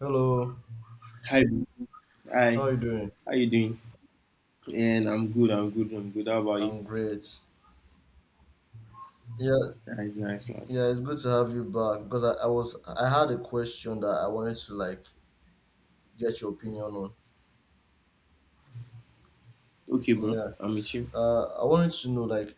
Hello, Hi, how hi. are you doing? How you doing? And I'm good. I'm good. I'm good. How about you? I'm great. Yeah, Nice, nice, nice. yeah, it's good to have you back because I had a question that I wanted to like get your opinion on. Okay, bro. Yeah. I'm with you. I wanted to know like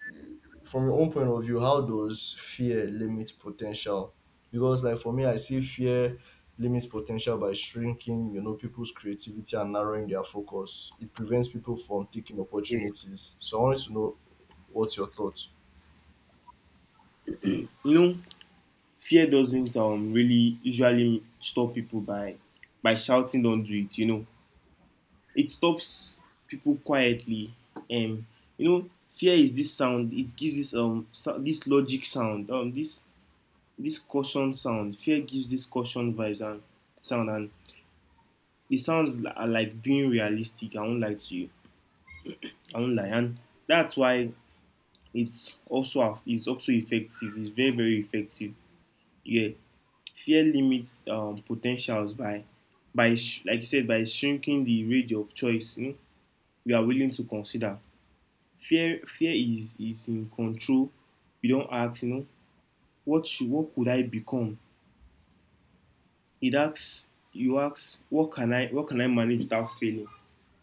from your own point of view, how does fear limit potential? Because like for me, I see fear limits potential by shrinking people's creativity and narrowing their focus. It prevents people from taking Yeah. opportunities. So I wanted to know what's your thought. You know, fear doesn't really usually stop people by shouting, "Don't do it." You know, it stops people quietly. You know, fear is this sound. It gives this this logic sound. This caution sound. Fear gives this caution vibes and sound, and it sounds like being realistic. I won't lie to you. I won't lie. And that's why it's also effective. It's very, very effective. Yeah, fear limits potentials by like you said, by shrinking the range of choice, you know, we are willing to consider. Fear is in control. You don't ask, you know, what should, what could I become. It asks, you ask, what can I, what can I manage without failing.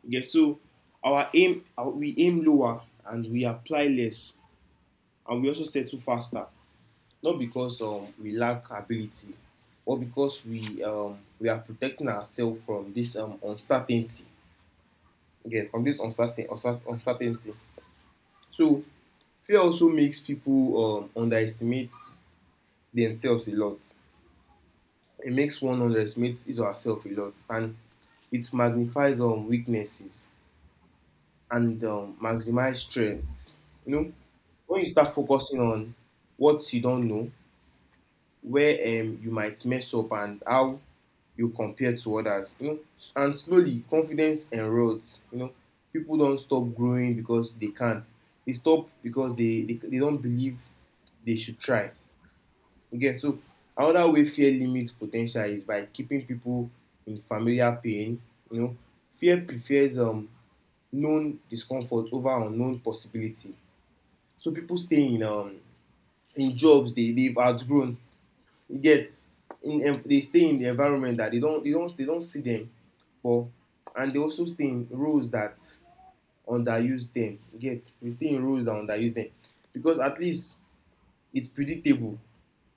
Yeah, so our, we aim lower and we apply less, and we also settle faster. Not because we lack ability, or because we are protecting ourselves from this uncertainty. Again, from this uncertainty. So fear also makes people underestimate themselves a lot. It makes one underestimate his or herself a lot, and it magnifies weaknesses and maximize strengths. You know, when you start focusing on what you don't know, where you might mess up, and how you compare to others. You know, and slowly confidence erodes. You know, people don't stop growing because they can't. They stop because they don't believe they should try. You get, so another way fear limits po ten tial is by keeping people in familiar pain. You know, fear prefers known discomfort over unknown possibility. So people stay in jobs they they've outgrown, you get, in they stay in the environment that they don't see them, but, and they also stay in roles that underuse them, you get, they stay in roles that underuse them because at least it's predictable.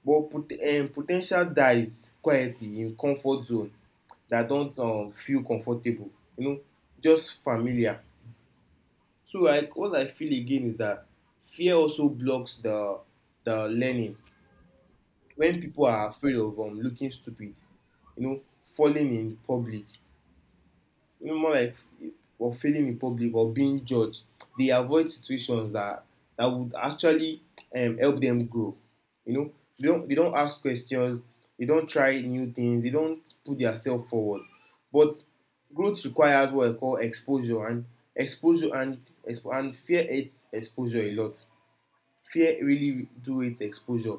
But pot po ten tial dies quietly in comfort zone that don't feel comfortable, you know, just familiar. So like what I feel again is that fear also blocks the learning. When people are afraid of looking stupid, you know, falling in public, you know, more like, or failing in public or being judged, they avoid situations that would actually help them grow. You know, they don't ask questions, they don't try new things, they don't put themselves forward. But growth requires what I call exposure, and fear hates exposure a lot. Fear really do hate exposure.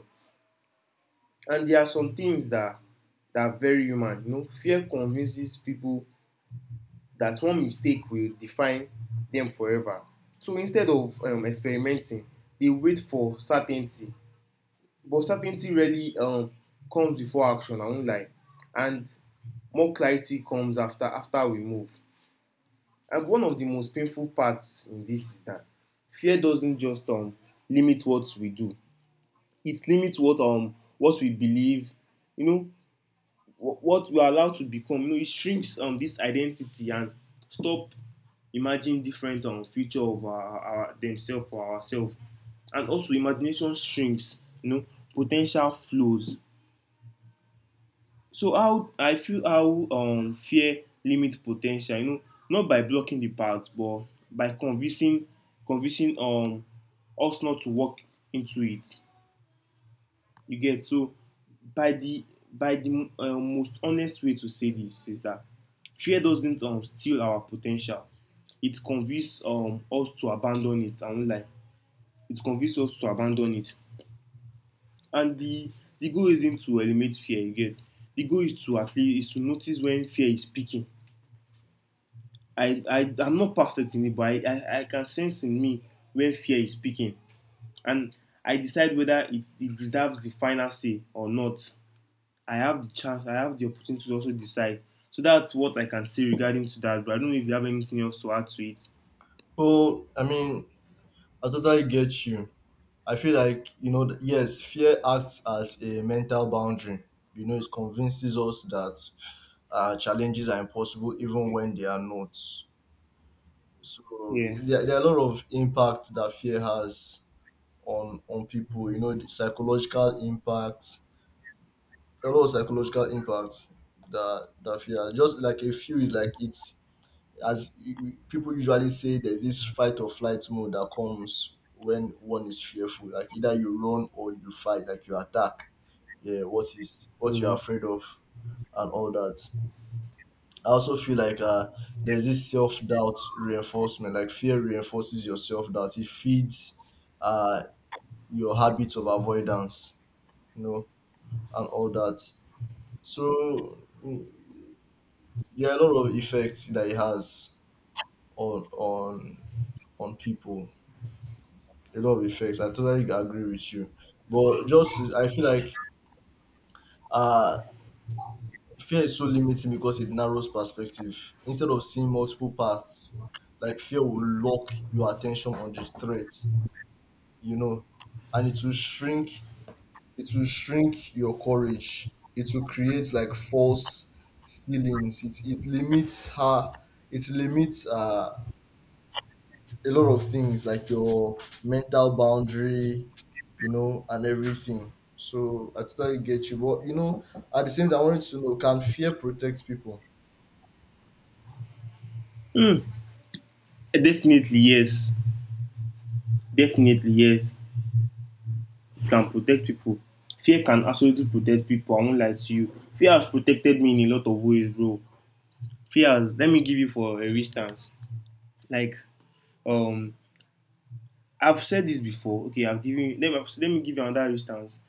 And there are some things that are very human. You know, fear convinces people that one mistake will define them forever. So instead of experimenting, they wait for certainty. But certainty really comes before action. I won't lie, and more clarity comes after we move. And one of the most painful parts in this is that fear doesn't just limit what we do; it limits what we believe. You know, what we are allowed to become. You know, it shrinks this identity and stop imagining different future of our themselves or ourselves. And also, imagination shrinks. You know, potential flows. So how I feel, how fear limits potential. You know, not by blocking the path, but by convincing us not to walk into it. You get, so by the by the most honest way to say this is that fear doesn't steal our potential. It convinces us to abandon it. I won't lie. It convinces us to abandon it. And the goal isn't to eliminate fear. You get, the goal is to, at least, is to notice when fear is speaking. I'm not perfect in it, but I can sense in me when fear is speaking, and I decide whether it deserves the final say or not. I have the chance, I have the opportunity to also decide. So that's what I can say regarding to that. But I don't know if you have anything else to add to it. Well, I mean, I totally get you. I feel like yes, fear acts as a mental boundary. It convinces us that challenges are impossible even when they are not. So Yeah. there are a lot of impact that fear has on people. The psychological impact, a lot of psychological impact that fear. Just like a few is like it's people usually say, there's this fight or flight mode that comes when one is fearful. Like either you run or you fight, like you attack, yeah, what you're Mhm. afraid of, and all that. I also feel like there's this self-doubt reinforcement, like fear reinforces your self-doubt. It feeds uh your habits of avoidance you know and all that. So mm, there are a lot of effects that it has on on people, a lot of effects. I totally agree with you. But just I feel like uh fear is so limiting because it narrows perspective. Instead of seeing multiple paths, like fear will lock your attention on the threat, you know, and it will shrink your courage. It will create like false ceilings. It limits her, it limits a lot of things, like your mental boundary, and everything. So I totally get you. But at the same time I wanted to know, can fear protect people? Definitely yes. Definitely yes. It can protect people. Fear can absolutely protect people. I won't lie to you. Fear has protected me in a lot of ways, bro. Fear has. Let me give you, for a instance. Like um, I've said this before. Okay, I've given. Let me give you another instance.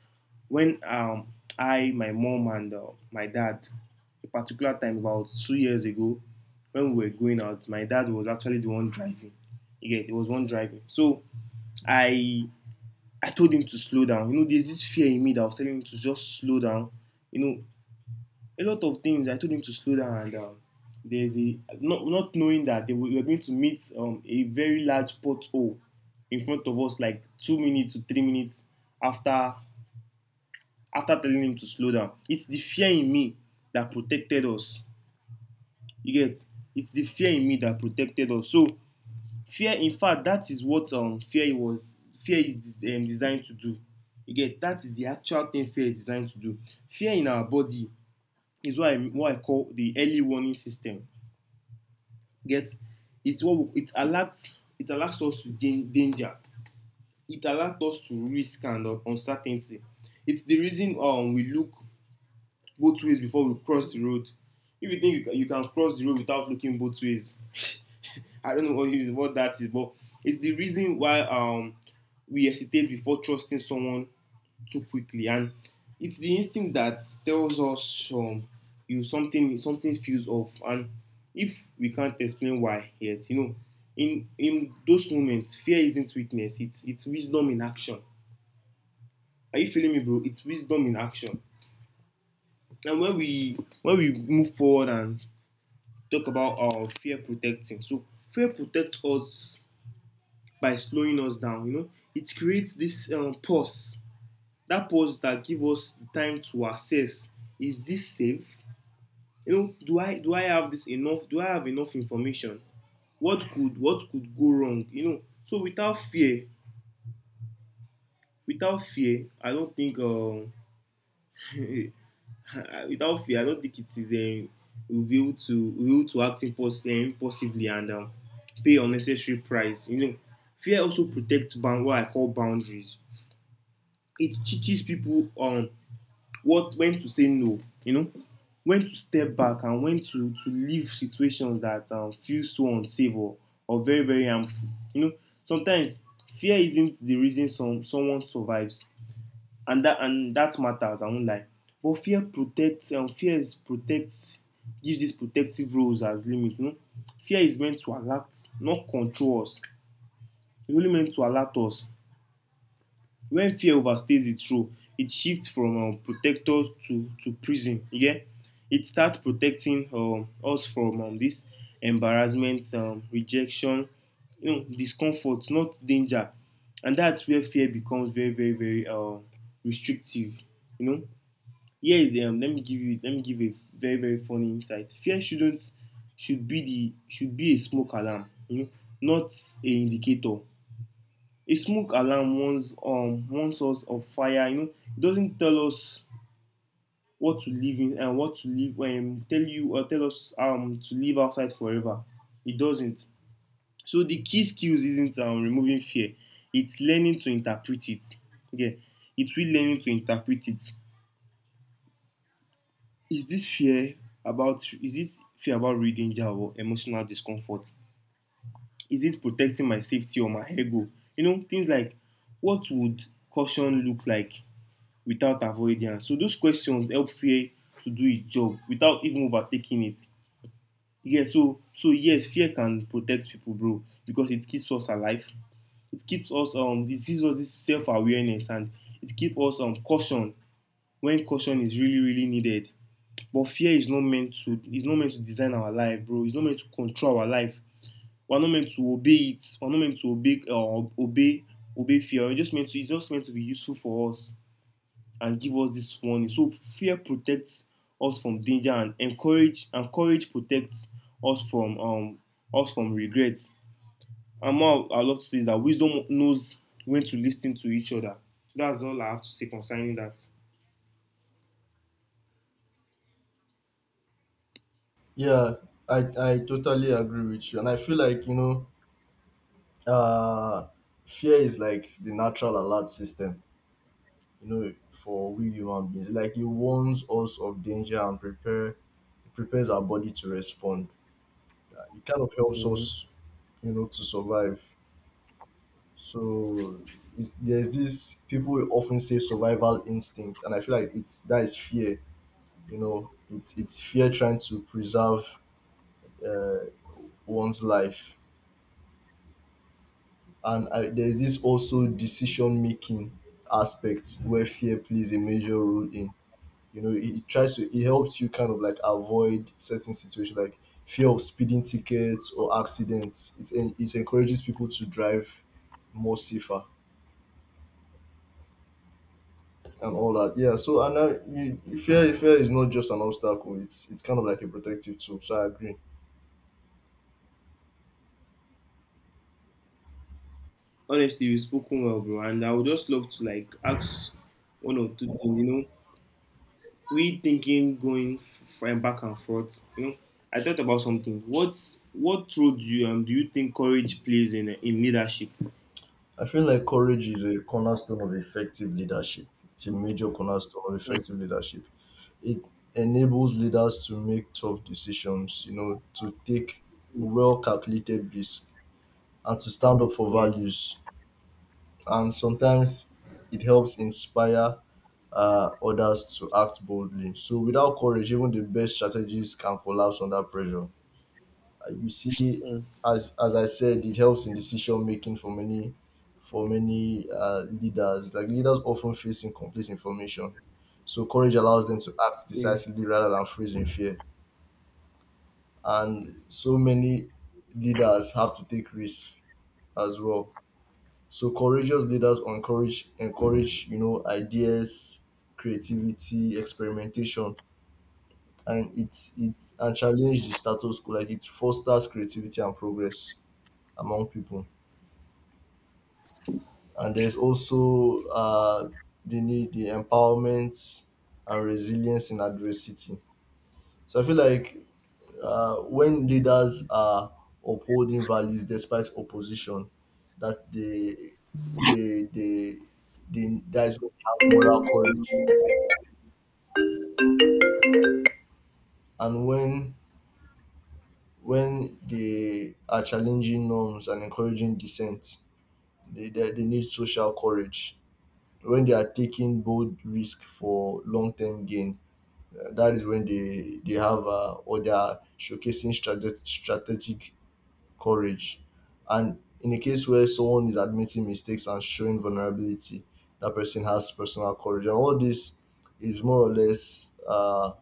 When I, my mom, and my dad, a particular time about 2 years ago, when we were going out, my dad was actually the one driving. Yeah, it was one driving. So I I told him to slow down. You know, there's this fear in me that I was telling him to just slow down. You know, a lot of things I told him to slow down, and there's a not knowing that we were going to meet a very large pothole in front of us, like 2 minutes to 3 minutes after after telling him to slow down. It's the fear in me that protected us. You get? It's the fear in me that protected us. So fear, in fact, that is what fear was. Fear is designed to do. You get? That is the actual thing fear is designed to do. Fear in our body is what I call the early warning system. You get? It's what it alerts us to danger. It alerts us to risk and uncertainty. It's the reason we look both ways before we cross the road. If you think you can cross the road without looking both ways, I don't know what, is, what that is, but it's the reason why we hesitate before trusting someone too quickly, and it's the instinct that tells us you something feels off, and if we can't explain why yet, you know, in those moments, fear isn't weakness; it's wisdom in action. Are you feeling me, bro? It's wisdom in action. And when we move forward and talk about fear protecting. So fear protects us by slowing us down. You know, it creates this pause. That pause that gives us the time to assess: Is this safe? You know, do I have this enough? Do I have enough information? What could go wrong? You know, so without fear, without fear, I don't think without fear, I don't think it is real to act impulsively, and pay unnecessary price. You know, fear also protects what I call boundaries. It teaches people what when to say no. You know, when to step back, and when to leave situations that feel so unsafe, or very, very harmful. You know, sometimes fear isn't the reason someone survives, and that matters. I won't lie. But fear protects. And Fear is protects. Gives these protective roles as limit. You know, fear is meant to alert, not control us. It's only meant to alert us. When fear overstays its role, it shifts from protector to prison. You get? It starts protecting us from this embarrassment, rejection, you know, discomfort, not danger. And that's where fear becomes very, very, very restrictive. You know, here is let me give you, let me give a very, very funny insight. Fear shouldn't should be the should be a smoke alarm, you know, not a indicator. A smoke alarm warns warns us of fire. You know, it doesn't tell us what to live in and what to live tell you, or tell us to live outside forever. It doesn't. So the key skills isn't removing fear. It's learning to interpret it. Okay, it's we learning to interpret it. Is this fear about is this fear about real danger or emotional discomfort? Is it protecting my safety or my ego? You know, things like what would caution look like without avoidance? So those questions help fear to do its job without even overtaking it. Yeah, so so yes, fear can protect people, bro, because it keeps us alive. It keeps us it gives us this self-awareness, and it keeps us caution when caution is really, really needed. But fear is not meant to design our life, bro. It's not meant to control our life. We're not meant to obey it. We're not meant to obey fear. We're just meant to It's just meant to be useful for us and give us this warning. So fear protects us from danger and encourage and courage protects us from regret. And more I love to say is that wisdom knows when to listen to each other. That's all I have to say concerning that. Yeah, I totally agree with you, and I feel like uh, fear is like the natural alert system, for we human beings. Like it warns us of danger and prepares our body to respond. It kind of helps Mhm. us to survive. So there's this people will often say survival instinct, and I feel like it's that is fear. It's fear trying to preserve uh, one's life. And there's this also decision making aspect where fear plays a major role in it tries to it helps you kind of like avoid certain situations, like fear of speeding tickets or accidents. It encourages people to drive more safer and all that, yeah. So and now, fear is not just an obstacle. It's kind of like a protective tool. So I agree. Honestly, you've spoken well, bro. And I would just love to like ask one or two things. You know, we thinking going back and forth. You know, I thought about something. What role do you think courage plays in leadership? I feel like courage is a cornerstone of effective leadership. It's a major cornerstone of Mm, effective leadership. It enables leaders to make tough decisions, to take well calculated risks and to stand up for yeah, values. And sometimes it helps inspire others to act boldly. So without courage, even the best strategies can collapse under pressure. You see, mm, as as I said, it helps in decision making for many leaders. Like leaders often face incomplete information, so courage allows them to act yeah. decisively rather than freeze in fear. And so many leaders have to take risks as well. So courageous leaders encourage ideas, creativity, experimentation, and it's it and challenge the status quo, like it fosters creativity and progress among people. And there's also the need, the empowerment, and resilience in adversity. So I feel like when leaders are upholding values despite opposition, that they they, they that is when they have moral courage. And when they are challenging norms and encouraging dissent, they need social courage. When they are taking bold risk for long term gain, that is when they have, or they are showcasing strategic courage. And in a case where someone is admitting mistakes and showing vulnerability, that person has personal courage. And all this is more or less uh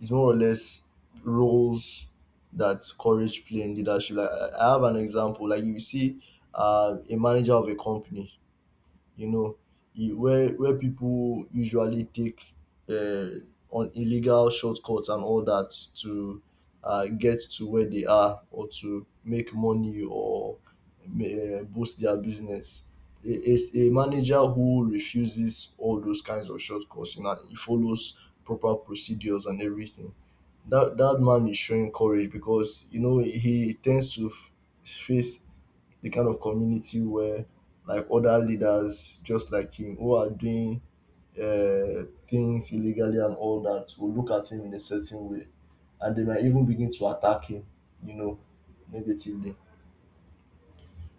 is more or less roles that courage play in leadership. Like I have an example. Like you see, a manager of a company, you know, where people usually take, uh, on illegal shortcuts and all that, to get to where they are, or to make money, or ma- boost their business. A manager who refuses all those kinds of shortcuts, you know, he follows proper procedures and everything. That man is showing courage, because you know he tends to face the kind of community where like other leaders just like him, who are doing things illegally and all that, will look at him in a certain way, and they might even begin to attack him, you know, negatively.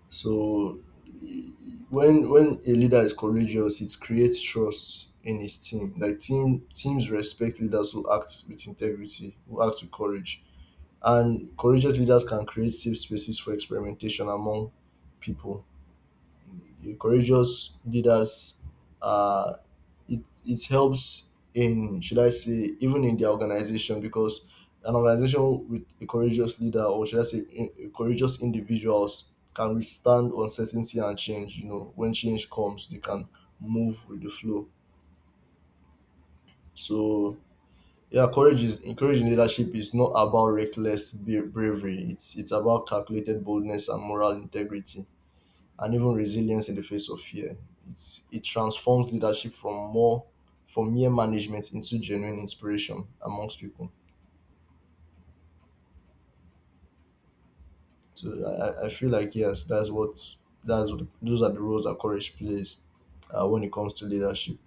So e- when a leader is courageous, it creates trust in his team. Like teams respect leaders who act with integrity, who act with courage. And courageous leaders can create safe spaces for experimentation among people. Courageous leaders, uh, it helps in, should I say, even in their organization, because an organization with a courageous leader, or should I say, a courageous individuals, can withstand uncertainty and change. You know, when change comes, they can move with the flow. So yeah, courage is encouraging. Leadership is not about reckless bravery. It's about calculated boldness and moral integrity, and even resilience in the face of fear. It transforms leadership from more from mere management into genuine inspiration amongst people. So I feel like yes, those are the roles that courage plays when it comes to leadership.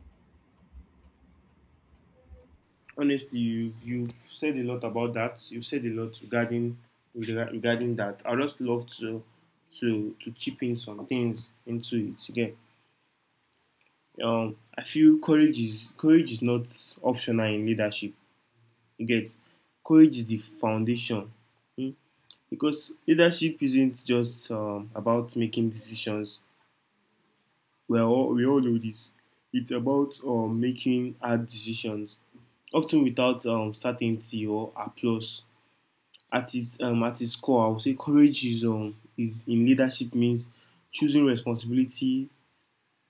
Honestly, you've said a lot about that. You've said a lot regarding regarding that. I just love to to chip in some things into it. Again, I feel courage is not optional in leadership. You get, courage is the foundation. Mm, because leadership isn't just about making decisions. We all know this. It's about making hard decisions, often without certainty or applause. At its core, I would say courage is in leadership means choosing responsibility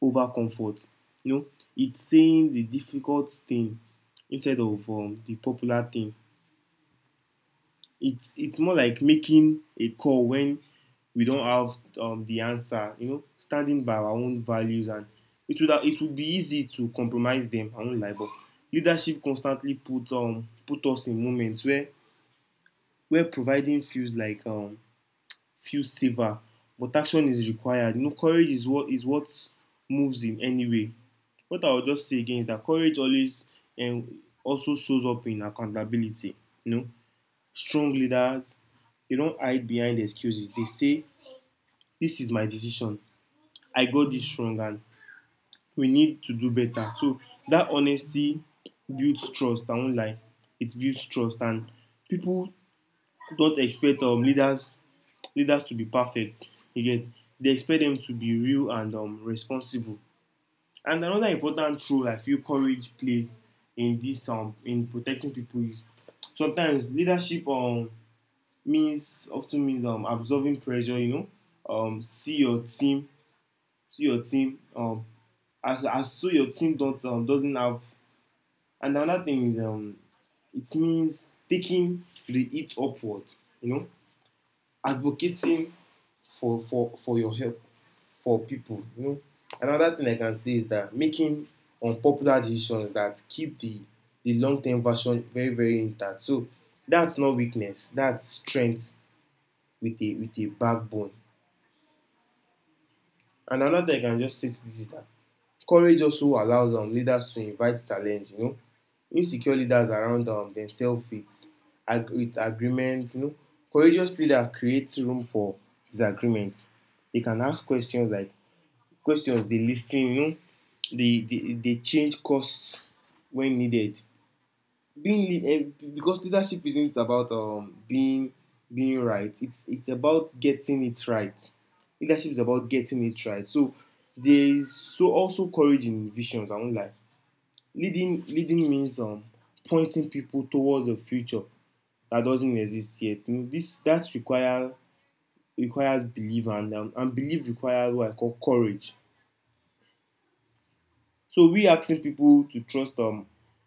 over comfort. You know, it's saying the difficult thing instead of the popular thing. It's more like making a call when we don't have the answer. You know, standing by our own values, and it would be easy to compromise them. I won't lie, but leadership constantly puts put us in moments where providing feels like feels safer, but action is required. You know, courage is what moves in any way. What I will just say again is that courage always and also shows up in accountability. You know, strong leaders, they don't hide behind excuses. They say this is my decision, I got this wrong and we need to do better. So that honesty builds trust, I won't lie, it builds trust, and people don't expect leaders to be perfect. You get, they expect them to be real and responsible. And another important role I feel courage plays in this in protecting people is sometimes leadership means absorbing pressure. You know, um, see your team, see your team. As your team don't doesn't have. And another thing is it means taking the heat upward. You know, advocating for your help for people. You know, another thing I can say is that making unpopular decisions that keep the long term version very very intact. So that's not weakness. That's strength with a backbone. And another thing I can just say to this is that courage also allows leaders to invite challenge. You know, insecure leaders around themselves with, with agreement. You know, courageous leader creates room for disagreement. They can ask questions like questions. They listen. You know, they change course when needed, being because leadership isn't about being right. It's about getting it right. Leadership is about getting it right. So there is so also courage in visions. I won't lie. Leading means pointing people towards a future that doesn't exist yet. You know, this that require requires belief and belief requires what I call courage. So we asking people to trust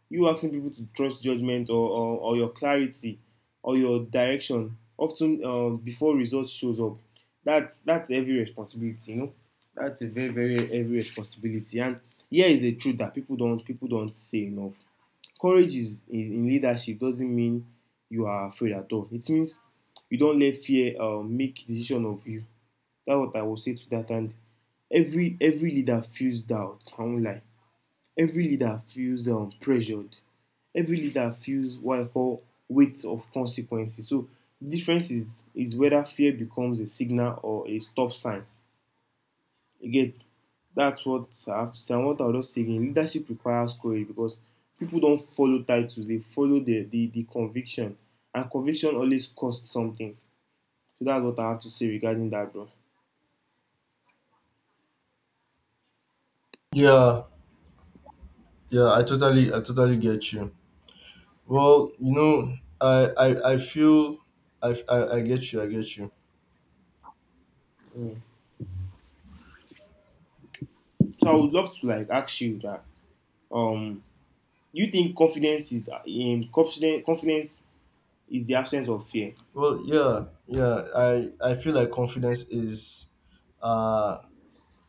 you asking people to trust judgment or your clarity or your direction often before results shows up. That's heavy responsibility, you know. That's a very very heavy responsibility. And here is a truth that people don't say enough. Courage is in leadership doesn't mean you are afraid at all. It means you don't let fear make decision of you. That's what I will say to that. And every leader feels doubt. I won't lie, every leader feels pressured. Every leader feels what I call weight of consequences. So the difference is whether fear becomes a signal or a stop sign. You get, that's what I have to say. And what I was just saying, leadership requires courage because people don't follow titles; they follow the conviction, and conviction always costs something. So that's what I have to say regarding that, bro. Yeah, yeah, I totally get you. Well, you know, I feel I get you, I get you. Mm. So I would love to like ask you that. Um, you think confidence is confidence is the absence of fear. Well, yeah, yeah, I feel like confidence is, uh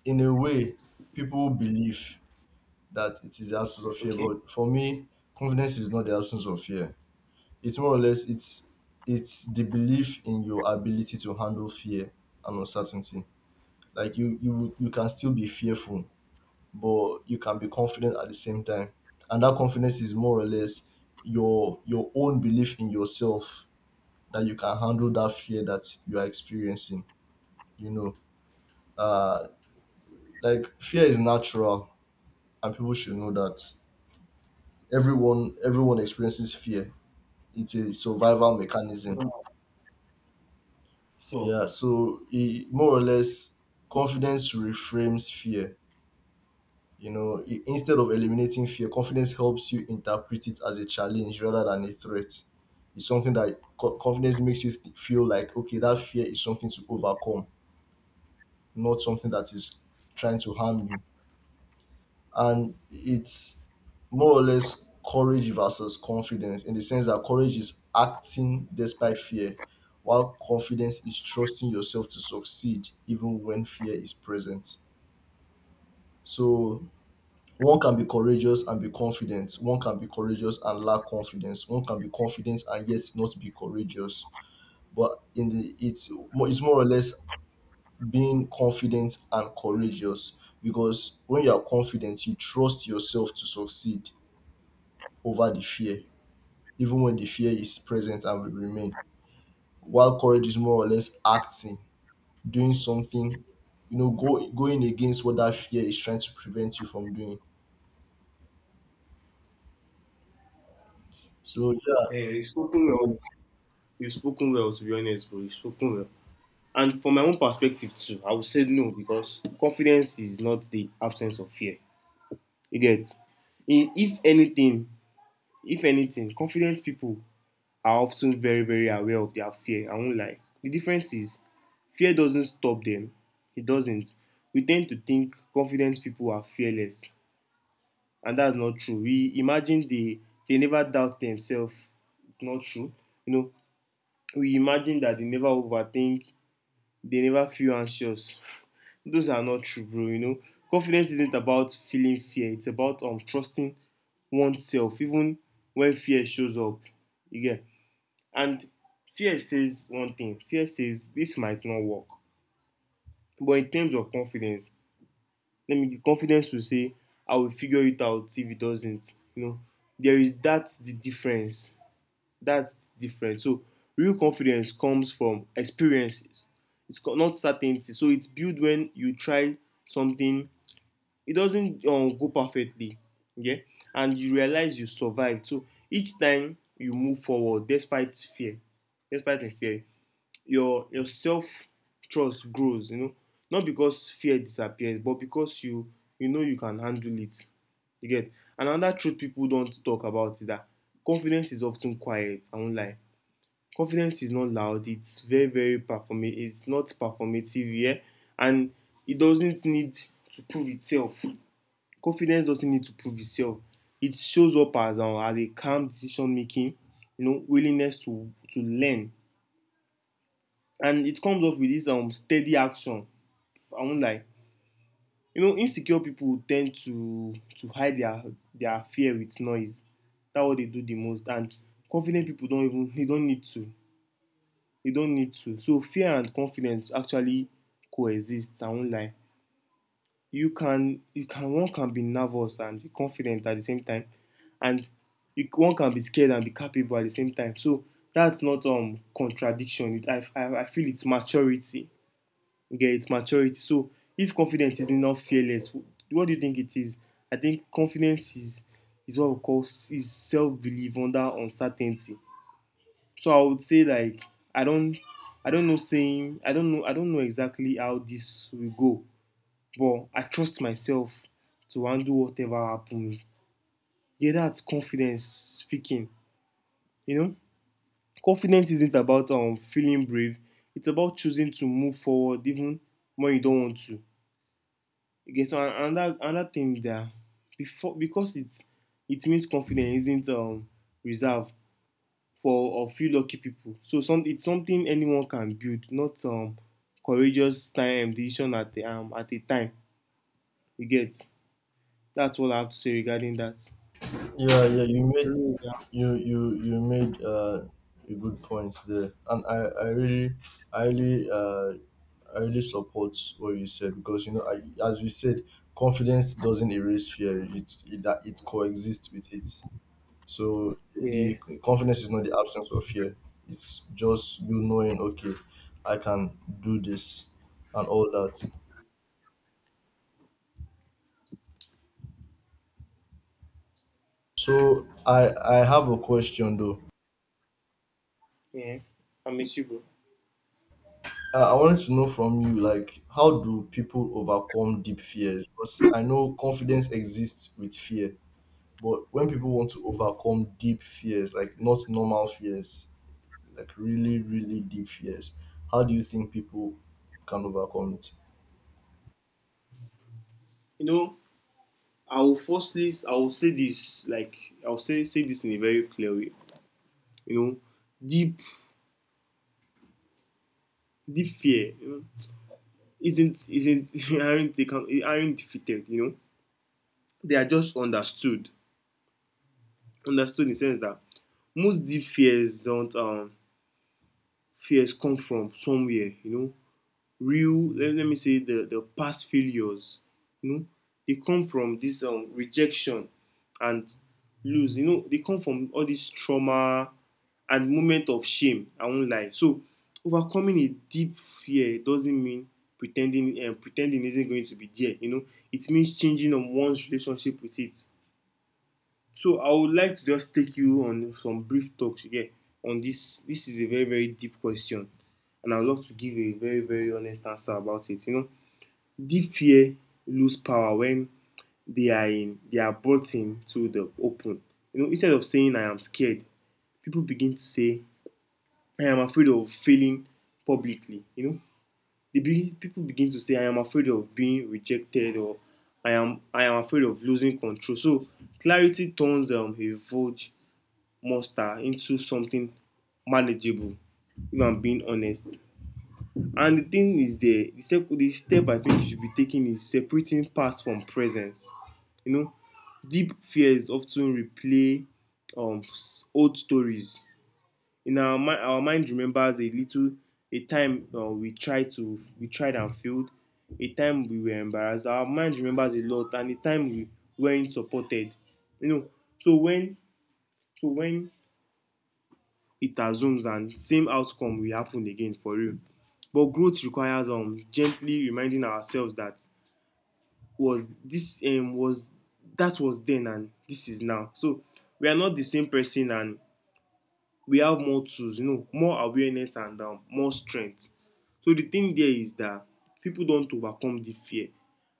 in a way, people believe that it is the absence of fear. Okay. But for me, confidence is not the absence of fear. It's more or less, it's the belief in your ability to handle fear and uncertainty. Like you can still be fearful, but you can be confident at the same time. And that confidence is more or less your own belief in yourself, that you can handle that fear that you are experiencing. You know, uh, like fear is natural, and people should know that everyone experiences fear. It's a survival mechanism. Sure. Yeah, so it more or less, confidence reframes fear. Instead of eliminating fear, confidence helps you interpret it as a challenge rather than a threat. It's something that confidence makes you feel like, okay, that fear is something to overcome, not something that is trying to harm you. And it's more or less courage versus confidence, in the sense that courage is acting despite fear, while confidence is trusting yourself to succeed even when fear is present. So one can be courageous and be confident; one can be courageous and lack confidence; one can be confident and yet not be courageous. But in the it's more or less being confident and courageous, because when you are confident, you trust yourself to succeed over the fear, even when the fear is present and will remain. While courage is more or less acting, doing something, you know, going against what that fear is trying to prevent you from doing. So yeah, Eh, you've spoken well. You've spoken well, to be honest, bro. You've spoken well. And from my own perspective too, I would say no, because confidence is not the absence of fear. You get? If anything, if anything, confident people are often very, very aware of their fear. I won't lie. The difference is fear doesn't stop them. It doesn't. We tend to think confident people are fearless, and that's not true. We imagine they never doubt themselves. It's not true. You know, we imagine that they never overthink, they never feel anxious. Those are not true, bro. You know, confidence isn't about feeling fear. It's about trusting oneself, even when fear shows up. You get, and fear says one thing. Fear says this might not work. But in terms of confidence, let me give confidence to say I will figure it out if it doesn't, you know. There is, that's the difference. That's the difference. So real confidence comes from experiences, it's not certainty. So it's built when you try something, it doesn't go perfectly. Okay, and you realize you survived. So each time you move forward despite fear, despite the fear, your self trust grows, you know, not because fear disappears, but because you know, you can handle it. You get, and another truth people don't talk about is that confidence is often quiet, I won't lie. Confidence is not loud. It's very very performative, it's not performative, yeah. And it doesn't need to prove itself. Confidence doesn't need to prove itself. It shows up as a calm decision making, you know, willingness to learn, and it comes up with this steady action, I won't lie. You know, insecure people tend to hide their fear with noise. That's what they do the most. And confident people don't even, they don't need to. They don't need to. So fear and confidence actually coexist, I won't lie. You can, one can be nervous and be confident at the same time. And you, one can be scared and be capable at the same time. So that's not contradiction, it, I feel it's maturity, yeah, it's maturity. So if confidence is not fearless, what do you think it is? I think confidence is what we call is self belief under uncertainty. So I would say like I don't I don't know, I don't know exactly how this will go, but I trust myself to handle whatever happens. Yeah, that's confidence speaking. You know, confidence isn't about feeling brave. It's about choosing to move forward even when you don't want to. Okay, so another thing that before, because it's, it means confidence isn't reserved for a few lucky people. So some, it's something anyone can build, not courageous time decision at the at a time. You get, that's all I have to say regarding that. yeah, yeah. You I made, don't know, you you made, a good points there, and I really uh, I really support what you said, because, as we said, confidence doesn't erase fear. It that it coexists with it. So yeah, yeah, the confidence is not the absence of fear. It's just you knowing, okay, I can do this, and all that. So I have a question though. yeah. I miss you, bro. I wanted to know from you, like, how do people overcome deep fears? Because I know confidence exists with fear, but when people want to overcome deep fears, like not normal fears, like really, really deep fears, how do you think people can overcome it? You know, I will say this like, I will say this in a very clear way. You know, deep deep fear, you know, isn't aren't, they can, aren't defeated. You know, they are just understood. Understood in the sense that most deep fears don't fears come from somewhere. You know, real, let me say the past failures, you know, they come from this rejection and lose, you know, they come from all this trauma and moment of shame, I won't lie. So overcoming a deep fear doesn't mean pretending, pretending isn't going to be there, you know, it means changing on one's relationship with it. So I would like to just take you on some brief talks here on this. This is a very, very deep question, and I would love to give a very, very honest answer about it. You know, deep fear lose power when they are brought into the open. You know, instead of saying I am scared, people begin to say I am afraid of failing publicly. You know, people begin to say I am afraid of being rejected or I am afraid of losing control. So clarity turns a vulture monster into something manageable, if I'm being honest. And the thing is there the step I think you should be taking is separating past from present. You know, deep fears often replay um, old stories in our mind. Our mind remembers a little, a time we tried and failed, a time we were embarrassed. Our mind remembers a lot, and a time we weren't supported, you know. So when so when it assumes and same outcome will happen again for real. But growth requires gently reminding ourselves that was this was that was then and this is now. So we are not the same person, and we have more tools, you know, more awareness and more strength. So the thing there is that people don't overcome the fear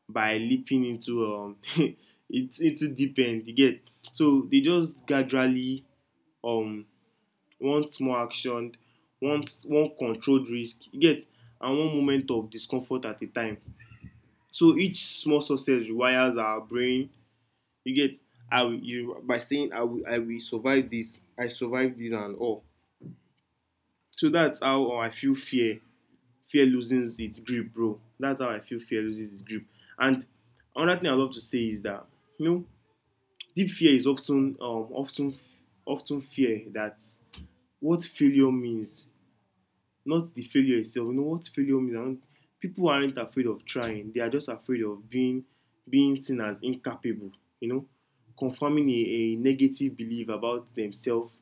by leaping into into deep end, you get. So they just gradually um wants more action, wants one controlled risk, you get, and one moment of discomfort at a time. So each small success rewires our brain, you get. I will you by saying I will, I will survive this, I survive this and all. So that's how I feel fear. Fear loses its grip, bro. That's how I feel fear loses its grip. And another thing I love to say is that, you know, deep fear is often often fear that what failure means, not the failure itself. You know what failure means? People aren't afraid of trying. They are just afraid of being seen as incapable. You know, confirming a negative belief about themselves.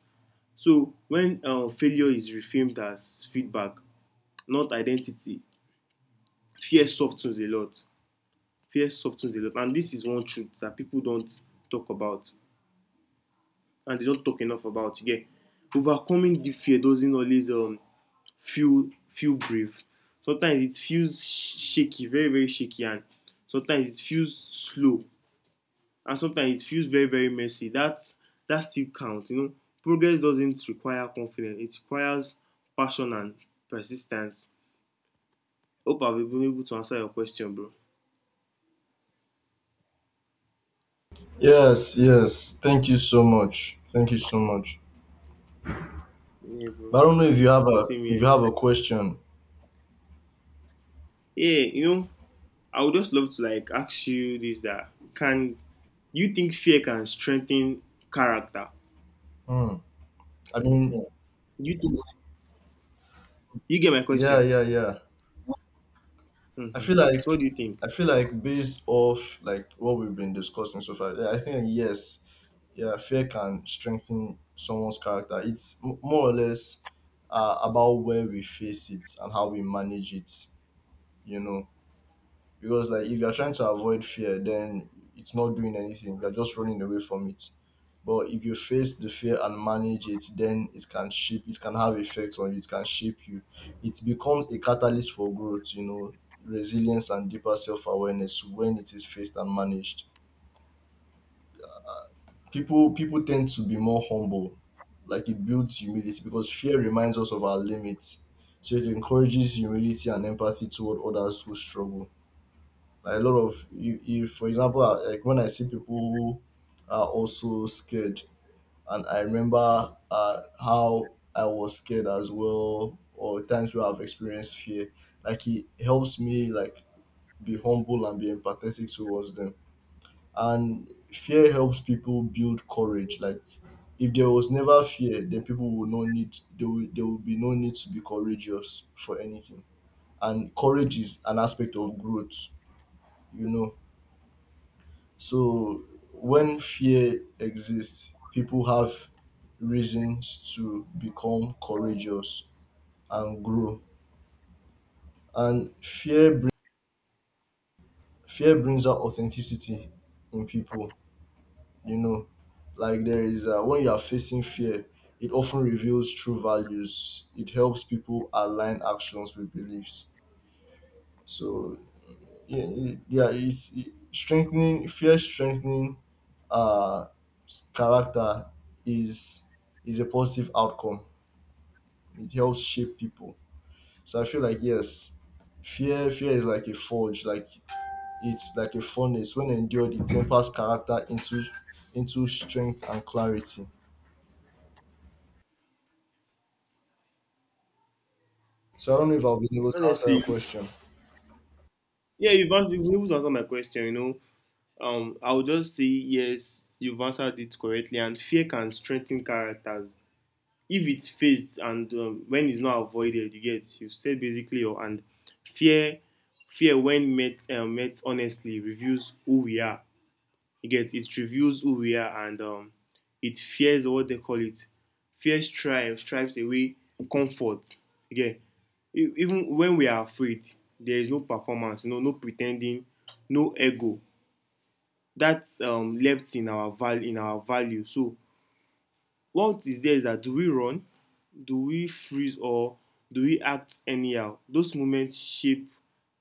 So when failure is reframed as feedback, not identity, fear softens a lot. Fear softens a lot, and this is one truth that people don't talk about and they don't talk enough about. Yeah, overcoming the fear doesn't always feel brave. Sometimes it feels shaky, very very shaky, and sometimes it feels slow, and sometimes it feels very very messy. That that still counts, you know. Progress doesn't require confidence, it requires passion and persistence. Hope I've been able to answer your question, bro. Yes, yes. Thank you so much. Thank you so much. Yeah, bro. But I don't know if you have a Same if you here. have a question. Yeah, you know, I would just love to like ask you this, that can you think fear can strengthen character? Hmm. I mean, You think? You get my yeah, question? yeah, yeah. I Mm-hmm. feel like So what do you think? I feel like based off like what we've been discussing so far, yeah, I think yes, yeah, fear can strengthen someone's character. It's more or less, about where we face it and how we manage it. You know, because like if you're trying to avoid fear, then it's not doing anything, you're just running away from it. But if you face the fear and manage it, then it can shape, it can have effects on you, it can shape you. It becomes a catalyst for growth, you know, resilience and deeper self-awareness, when it is faced and managed. People tend to be more humble. Like it builds humility, because fear reminds us of our limits. So it encourages humility and empathy toward others who struggle. Like a lot of you, for example, like when I see people who are also scared, and I remember, how I was scared as well, or times where I've experienced fear. Like it helps me like be humble and be empathetic towards them. And fear helps people build courage. Like if there was never fear, then people will not there will be no need to be courageous for anything. And courage is an aspect of growth, you know. So when fear exists, people have reasons to become courageous and grow. And fear brings out authenticity in people. You know, like there is, when you are facing fear, it often reveals true values. It helps people align actions with beliefs. So yeah, yeah, it's strengthening, uh character is is a positive outcome, it helps shape people. So I feel like yes, fear is like a forge, like it's like a furnace. When endured, it tempers character into strength and clarity. So I don't know if I'll be able to answer your Honestly, question. yeah, you've answered my question. You know, I would just say yes, you've answered it correctly. And fear can strengthen characters if it's faced and when it's not avoided. You get, you said basically your and fear, fear when met honestly reveals who we are. You get, it reveals who we are and it fears what they call it. Fear strives away comfort. You even when we are afraid, there is no performance, no pretending, no ego that's left in our value. So what is there is that, do we run, do we freeze, or do we act anyhow? Those moments shape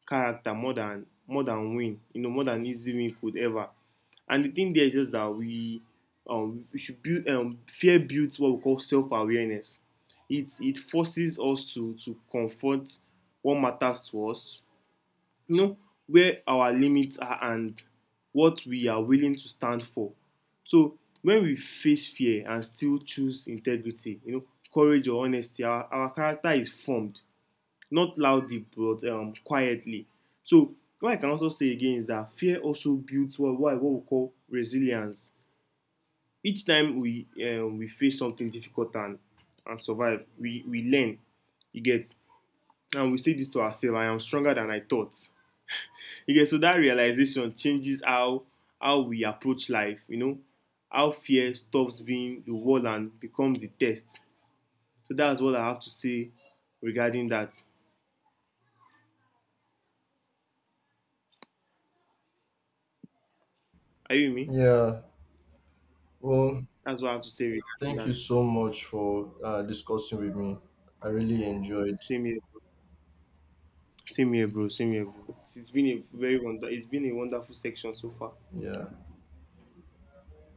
character more than win you know more than easy win could ever. And the thing there is just that we, we should build, fear builds what we call self-awareness. It forces us to confront what matters to us, you know, where our limits are and what we are willing to stand for. So when we face fear and still choose integrity, you know, courage or honesty, our character is formed, not loudly but quietly. So what I can also say again is that fear also builds what we call resilience. Each time we face something difficult and survive, we learn. You get, and we say this to ourselves: I am stronger than I thought. Okay, so that realization changes how we approach life, you know, how fear stops being the wall and becomes the test. So that's what I have to say regarding that. Are you with me? Yeah, well, That's what I have to say regarding thank you that. so much for discussing with me. I really enjoyed. Same here, bro. Same here, bro. It's been a very wonder. It's been a wonderful section so far. Yeah.